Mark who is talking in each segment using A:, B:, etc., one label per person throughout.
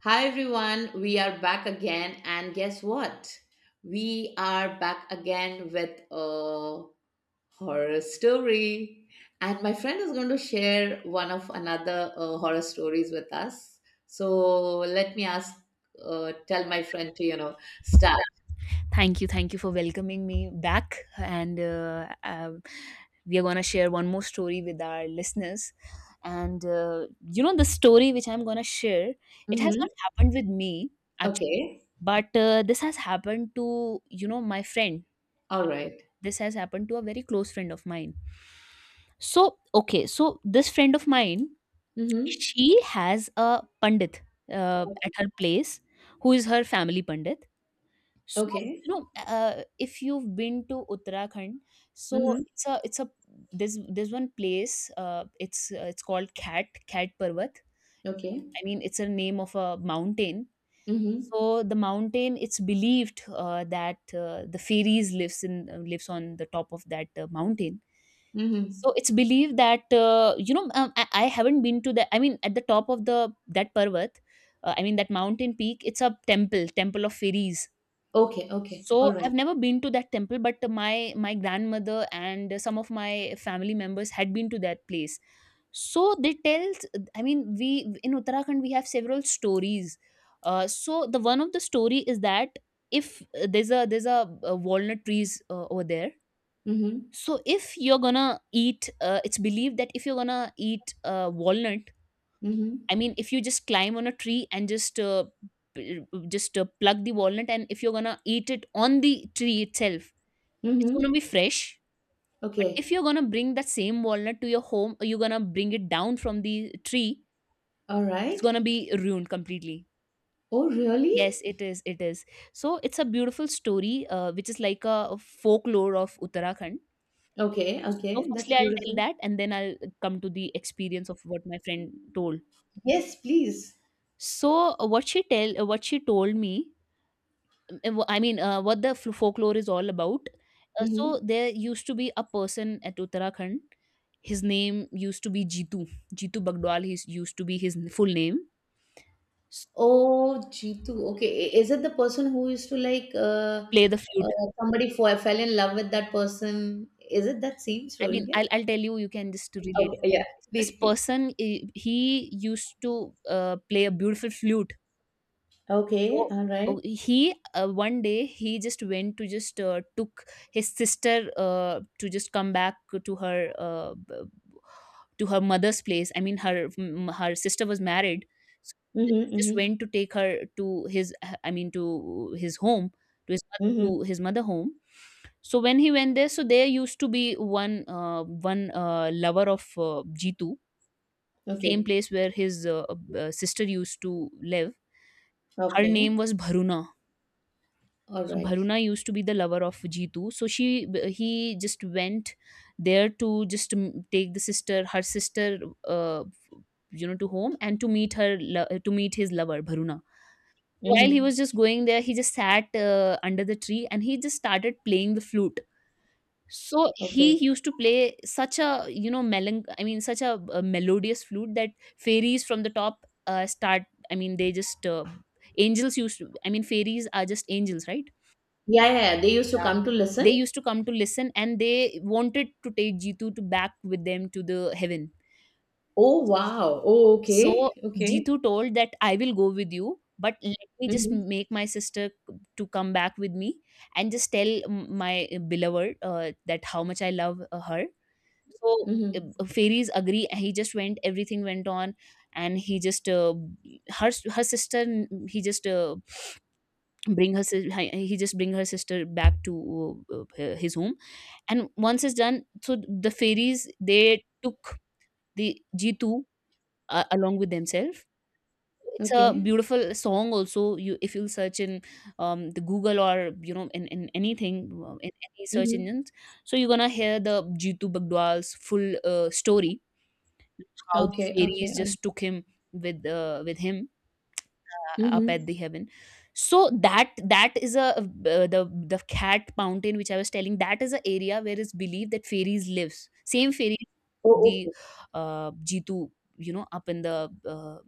A: Hi everyone, we are back again, and guess what? We are back again with a horror story. And my friend is going to share one of another horror stories with us. So let me ask, tell my friend to, start.
B: Thank you. Thank you for welcoming me back. And we are going to share one more story with our listeners. And the story which I'm going to share, it has
A: Mm-hmm.
B: not happened with me, actually,
A: Okay.
B: but this has happened to my friend.
A: All right.
B: This has happened to a very close friend of mine. So, okay. So, this friend of mine,
A: Mm-hmm.
B: she has a Pandit at her place who is her family Pandit, so,
A: Okay.
B: if you've been to Uttarakhand, so
A: Mm-hmm.
B: it's a there's one place. It's it's called Cat Parvat.
A: Okay.
B: I mean, it's a name of a mountain.
A: Mm-hmm.
B: So the mountain, it's believed that the fairies lives in lives on the top of that mountain. So
A: Mm-hmm.
B: it's believed that I haven't been to the, I mean, at the top of the that parvat, I mean that mountain peak, it's a temple, temple of fairies.
A: Okay. Okay.
B: So
A: All right.
B: I've never been to that temple, but my grandmother and some of my family members had been to that place. So they tell, I mean, we in Uttarakhand we have several stories. So the one of the story is that if there's a walnut trees over there.
A: Mm-hmm.
B: So if you're gonna eat, it's believed that if you're gonna eat walnut, I
A: Mm-hmm.
B: mean, if you just climb on a tree and just pluck the walnut, and if you're gonna eat it on the tree itself, it's gonna
A: Mm-hmm.
B: be fresh. But
A: Okay.
B: if you're gonna bring that same walnut to your home, or you're gonna bring it down from the tree,
A: All
B: it's
A: right.
B: gonna be ruined completely.
A: Oh,
B: Yes,
A: really?
B: it is. It is. So it's a beautiful story, which is like a folklore of Uttarakhand.
A: Okay,
B: So
A: okay.
B: firstly,
A: That's
B: I'll tell
A: beautiful.
B: that, and then I'll come to the experience of what my friend told.
A: Yes, please.
B: So what she told me. What the folklore is all about. So
A: Hmm.
B: there used to be a person at Uttarakhand. His name used to be Jitu. Jitu Bagdwal. He used to be his full name. So,
A: Oh, Jeetu. Okay. Is it the person who used to like
B: play the flute.
A: fell in love with that person? Is it that same
B: I mean,
A: story? Yeah.
B: I'll tell you. You can just to relate.
A: Okay. Yeah.
B: So this
A: Please, please.
B: person, he used to play a beautiful flute.
A: Okay.
B: So
A: All
B: o
A: right.
B: he one day he just went to just took his sister to just come back to her to her mother's place. I mean, her sister was married, so he
A: Mm-hmm,
B: just
A: mm-hmm,
B: went to take her to his, I mean to his home,
A: mm-hmm.
B: to his mother home. So when he went there, so there used to be one lover of Jitu, same
A: Okay.
B: place where his sister used to live. Her name
A: Okay.
B: was Bharuna.
A: All
B: So
A: right.
B: Bharuna used to be the lover of Jitu. So she he just went there to just take the sister, her sister, uh, to home and to meet her to meet his lover Bharuna. While he was
A: Mm-hmm.
B: just going there, he just sat under the tree and he just started playing the flute. So he
A: Okay.
B: used to play such a you know melan I mean such a, melodious flute that fairies from the top start. I mean they just angels used to, I mean fairies are just angels, right?
A: Yeah, yeah, yeah. They used to
B: Yeah.
A: come to listen.
B: They used to come to listen and they wanted to take Jeetu to back with them to the heaven.
A: Oh, wow. Oh,
B: So
A: okay. Okay.
B: Jeetu told that I will go with you, but let me just
A: Mm-hmm.
B: make my sister to come back with me and just tell my beloved that how much I love her. So
A: Mm-hmm.
B: fairies agree. He just went. Everything went on, and he just her her sister. He just bring her sis- hi- he just bring her sister back to his home, and once it's done, so the fairies they took the Jitu along with themselves. It's a
A: Okay.
B: beautiful song also. You, if you'll search in the Google, or you know, in anything, in any search
A: Mm-hmm.
B: engines, so you're gonna hear the Jitu Bagdwal's full story, how the
A: Okay.
B: fairies
A: Okay.
B: just took him with him up at
A: Mhm.
B: the heaven. So that is a the the Cat mountain which I was telling, that is an area where it's believed that fairies lives, same fairies,
A: Oh,
B: the
A: okay.
B: Jitu, you know, up in the uh,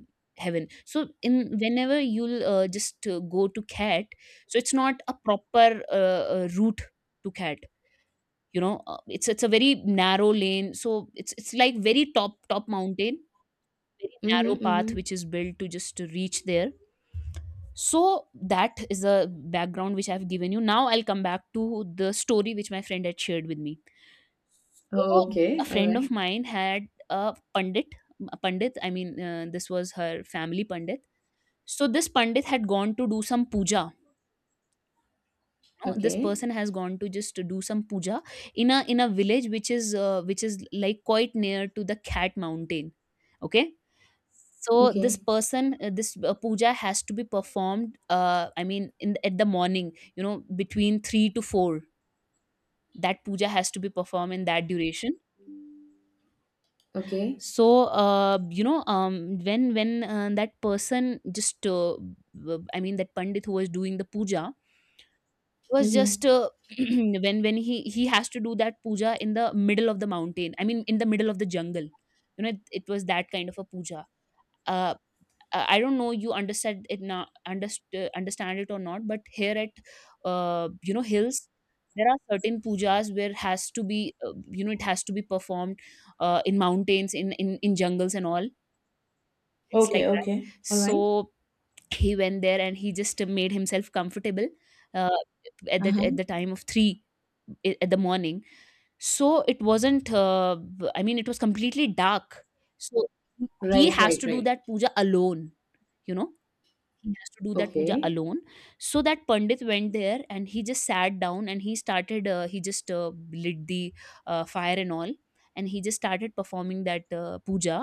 B: heaven. So in, whenever you'll just go to Cat, so it's not a proper route to Cat. You know, it's a very narrow lane. So it's like very top mountain, very
A: Mhm,
B: narrow path
A: mhm.
B: which is built to just to reach there. So that is the background which I've given you. Now I'll come back to the story which my friend had shared with me. So
A: Oh,
B: a
A: okay. All
B: friend of
A: right.
B: mine had a Pandit, a Pandit, I mean, this was her family Pandit. So this Pandit had gone to do some puja. You, this
A: Okay.
B: person has gone to just to do some puja in a village which is like quite near to the Cat mountain. Okay. So this
A: Okay.
B: person this puja has to be performed, I mean, in at the morning, you know, between 3 to 4. That puja has to be performed in that duration.
A: Okay.
B: So uh, you know um, when that person just I mean that Pandit who was doing the puja was
A: Mm-hmm.
B: just when he has to do that puja in the middle of the mountain, I mean in the middle of the jungle. You know it, it was that kind of a puja. Uh, I don't know you understand it now, understand it or not, but here at, you know, hills, there are certain pujas where has to be, you know, it has to be performed in mountains, in jungles and all. It's like
A: Okay,
B: that.
A: okay. All right.
B: So he went there and he just made himself comfortable uh, at the at
A: Uh-huh.
B: the time of 3, at the morning. So it wasn't I mean, it was completely dark. So he
A: Right,
B: has
A: right,
B: to do
A: right.
B: that puja alone, you know. He has to do that puja
A: Okay.
B: alone. So that Pandit went there and he just sat down, and he started he just lit the fire and all, and he just started performing that puja.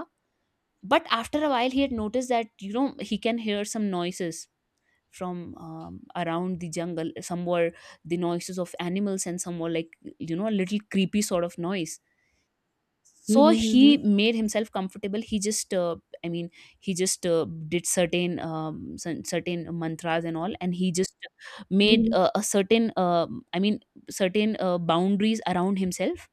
B: But after a while he had noticed that, you know, he can hear some noises from, around the jungle somewhere, the noises of animals and somewhere like, you know, a little creepy sort of noise. So
A: Mm-hmm,
B: he
A: mm-hmm.
B: made himself comfortable, he just I mean he just did certain certain mantras and all, and he just made
A: Mm-hmm.
B: a certain I mean certain boundaries around himself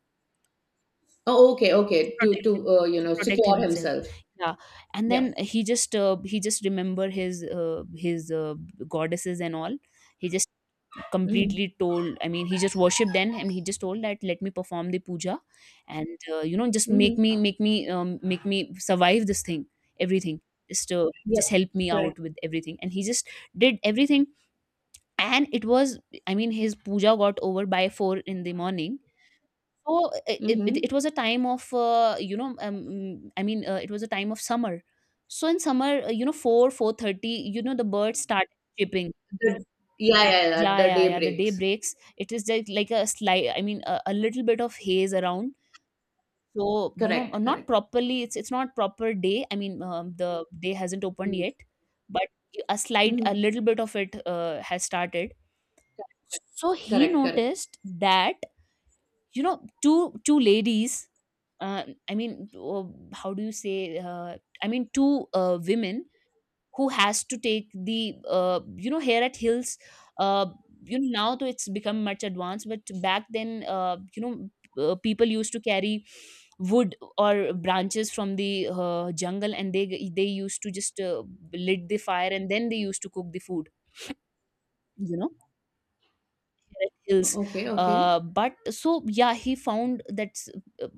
A: Oh, okay, okay.
B: to
A: To
B: protect him,
A: you
B: to
A: know,
B: protect
A: secure
B: himself.
A: himself.
B: Yeah. And
A: Yeah.
B: then he just remember his goddesses and all. He just
A: Mm-hmm.
B: completely told, I mean he just worshipped them, and he just told that let me perform the puja, and you know, just
A: Mm-hmm.
B: make me, make me make me survive this thing, everything. Just
A: Yep.
B: just help me
A: Correct.
B: out with everything. And he just did everything. And it was, I mean, his puja got over by 4 in the morning. So it
A: Mm-hmm.
B: was a time of I mean it was a time of summer. So in summer, four thirty, you know, the birds start chirping.
A: The, yeah, yeah, yeah.
B: Yeah,
A: The
B: yeah,
A: day
B: yeah. The day
A: breaks.
B: breaks. It is like a slight, I mean, a little bit of haze around. So you know,
A: Correct,
B: not
A: correct.
B: properly. It's not proper day. I mean, the day hasn't opened yet,
A: Mm-hmm.
B: but a slight, a
A: Mm-hmm.
B: little bit of it has started. So he
A: Correct, correct.
B: noticed that you know two ladies uh, i mean uh, how do you say I mean two women who has to take the you know hair at hills uh, you know, now though it's become much advanced, but back then you know people used to carry wood or branches from the jungle, and they used to just lit the fire and then they used to cook the food, you know, red hills.
A: Okay, okay.
B: But so yeah, he found that uh,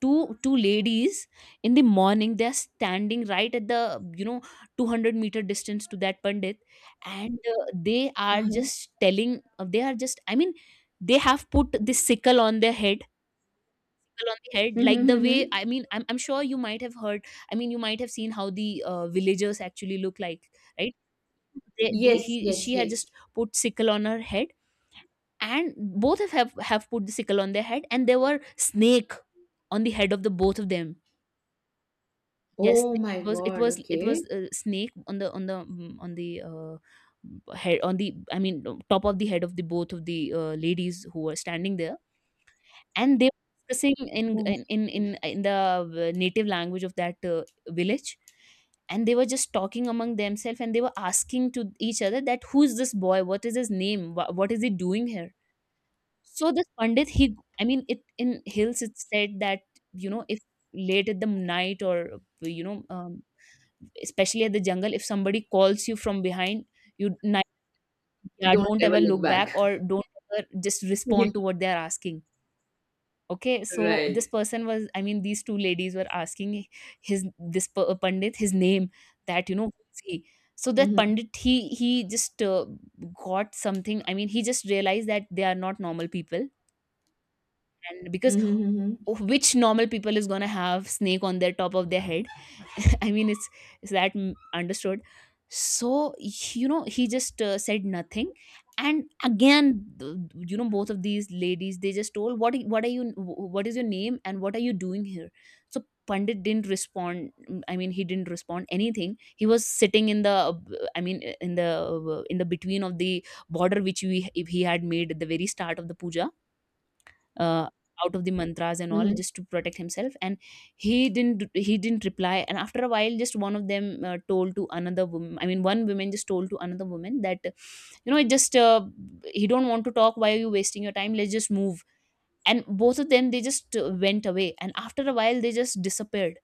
B: two ladies in the morning they're standing right at the you know 200-meter distance to that pandit. And they are
A: Uh-huh.
B: just telling, they are just they have put this sickle on their head, sickle on the head, like
A: Mm-hmm,
B: the
A: mm-hmm.
B: way I'm sure you might have heard, you might have seen how the villagers actually look like, right? They,
A: Yes, yes,
B: she had
A: yes.
B: just put sickle on her head, and both have put the sickle on their head, and there were snake on the head of the both of them. Yes,
A: Oh
B: it
A: my
B: was it
A: God.
B: was it was
A: Okay.
B: a snake on the on the on the head on the I mean top of the head of the both of the ladies who were standing there, and they were discussing in
A: Oh my
B: in in
A: God.
B: in, in the native language of that village, and they were just talking among themselves and they were asking to each other that who's this boy, what is his name, what is he doing here. So this pandit, he, it in hills it said that you know if late at the night, or you know especially at the jungle, if somebody calls you from behind, you ni- yeah,
A: Don't
B: don't
A: ever
B: ever
A: look
B: look back
A: back.
B: or don't ever just
A: Yeah.
B: respond to what they are asking. Okay, so this
A: Right.
B: person was, these two ladies were asking his pandit his name, that you know who is he. So that
A: Mm-hmm.
B: pandit, he just got something, he just realized that they are not normal people. And because
A: Mm-hmm.
B: oh, which normal people is going to have snake on their top of their head. It's, understood? So you know he just said nothing. And again you know both of these ladies, they just told, what are you, what is your name and what are you doing here. So pandit didn't respond. He didn't respond anything. He was sitting in the, i mean in the in the between of the border which we he had made at the very start of the puja, uh, out of the mantras and all,
A: Mm-hmm.
B: just to protect himself. And he didn't reply. And after a while, just one of them told to another woman, one woman just told to another woman that you know it just he don't want to talk, why are you wasting your time, let's just move. And both of them, they just went away, and after a while they just disappeared.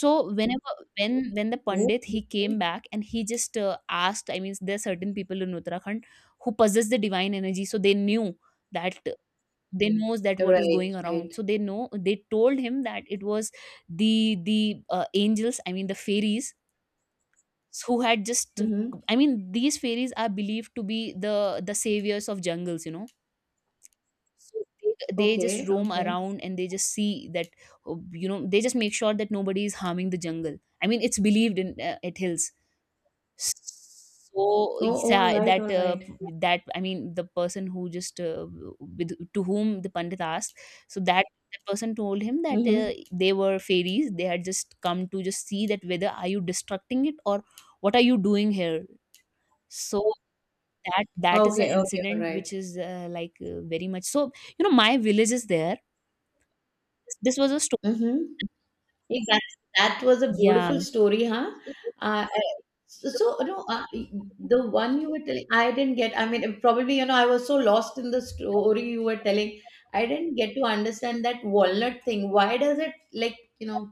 B: So whenever, when the
A: Oh,
B: pandit, he came
A: okay.
B: back and he just asked, there are certain people in uttarakhand who possess the divine energy, so they knew that, they knows that what is
A: Right.
B: going
A: Right.
B: around, so they know, they told him that it was the angels, the fairies who had just
A: Mm-hmm.
B: these fairies are believed to be the the saviors of jungles, you know. So they just
A: Okay.
B: roam
A: Okay.
B: around and they just see that you know they just make sure that nobody is harming the jungle. It's believed in at hills. So
A: Oh,
B: it's,
A: all right.
B: that
A: All right.
B: that I mean the person who just to whom the pandit asked, so that the person told him that
A: Mm-hmm.
B: they were fairies. They had just come to just see that whether are you destructing it or what are you doing here. So that is an
A: Okay. Okay. All
B: incident which
A: right.
B: is like very much so. You know, my village is there. This was a story.
A: Mm-hmm. Hey, that was a
B: Yeah.
A: beautiful story, huh? Uh, eh, so, the one you were telling, I didn't get. I mean, probably, I was so lost in the story you were telling. I didn't get to understand that walnut thing. Why does it like,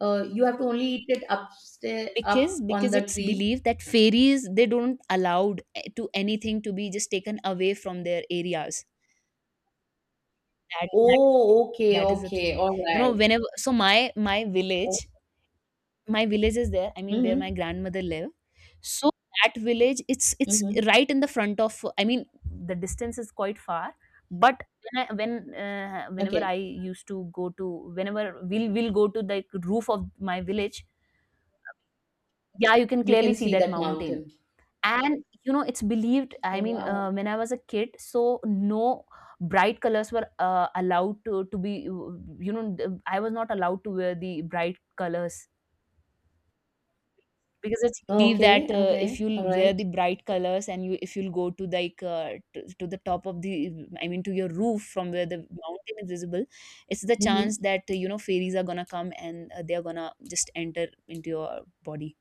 A: you have to only eat it upstairs, up
B: because
A: on
B: because
A: the
B: it's
A: tree?
B: believed that fairies they don't allowed to anything to be just taken away from their areas, that that,
A: Oh, okay,
B: that is the
A: okay,
B: thing.
A: all
B: You know
A: right.
B: whenever, so my
A: Oh,
B: village, my village is there, where my
A: mm-hmm,
B: grandmother live. So that village, it's
A: mm-hmm.
B: right in the front of, the distance is quite far. But when whenever
A: Okay,
B: I used to go to whenever we'll go to the roof of my village, yeah, you can
A: you
B: clearly
A: can
B: see
A: see
B: that
A: that
B: mountain.
A: mountain.
B: And, you know, it's believed, I
A: Oh,
B: mean,
A: wow.
B: when I was a kid, so no bright colors were allowed to, be, you know, I was not allowed to wear the bright colors, because it's believed
A: Okay,
B: that if
A: okay, all
B: you'll wear
A: right.
B: the bright colors and you if you'll go to like to the top of the, to your roof from where the mountain is visible, it's the chance
A: Mm-hmm.
B: that you know fairies are gonna come and they're gonna just enter into your body.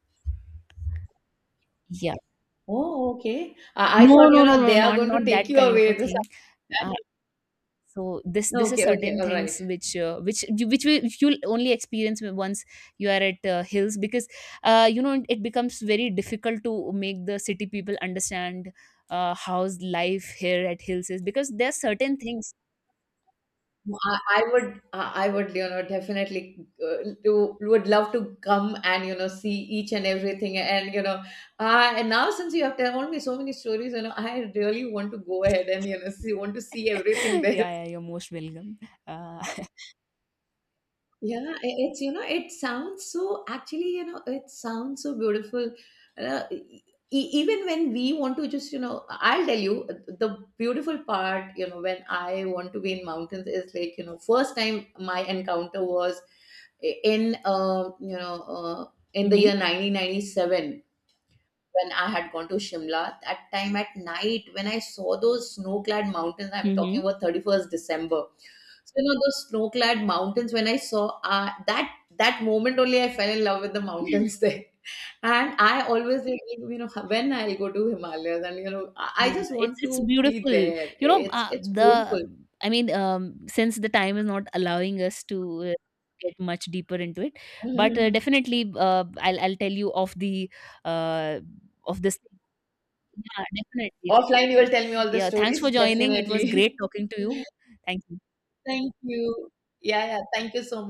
B: Yeah.
A: Oh, okay. I
B: No
A: thought,
B: no
A: you
B: no
A: know,
B: no,
A: they are going
B: not
A: to take
B: that
A: you
B: kind of a
A: away this.
B: thing. Uh, so this is
A: Okay, okay,
B: certain
A: all right.
B: things which which will you'll only experience once you are at hills, because you know it becomes very difficult to make the city people understand how's life here at hills is, because there are certain things.
A: No, I would, I would, you know, definitely would love to come and, you know, see each and everything. And, you know, and now since you have told me so many stories, you know, I really want to go ahead and, you know, want to see everything there.
B: Yeah, yeah, you're most welcome. uh,
A: Yeah, it's you know, it sounds so actually, you know, it sounds so beautiful. Uh, e- Even when we want to just, you know, I'll tell you the beautiful part, you know, when I want to be in mountains is like, you know, first time my encounter was in in the
B: Mm-hmm.
A: year 1997 when I had gone to Shimla. That time at night, when I saw those snow-clad mountains, I'm
B: Mm-hmm.
A: talking about 31st December. So you know those snow-clad mountains. When I saw that moment only, I fell in love with the mountains there. And I always think, you know, when I'll go to Himalayas, and you know, I
B: Yeah,
A: just want to
B: it's
A: be
B: beautiful.
A: there.
B: You know,
A: It's
B: the
A: beautiful.
B: I mean, since the time is not allowing us to get much deeper into it, but definitely, I'll tell you of the uh, of this. Yeah, definitely. Definitely.
A: Offline, you will tell me all the
B: Yeah, thanks for
A: stories,
B: joining. It was great
A: definitely.
B: talking to you. Thank you.
A: Thank you. Yeah, yeah. Thank you so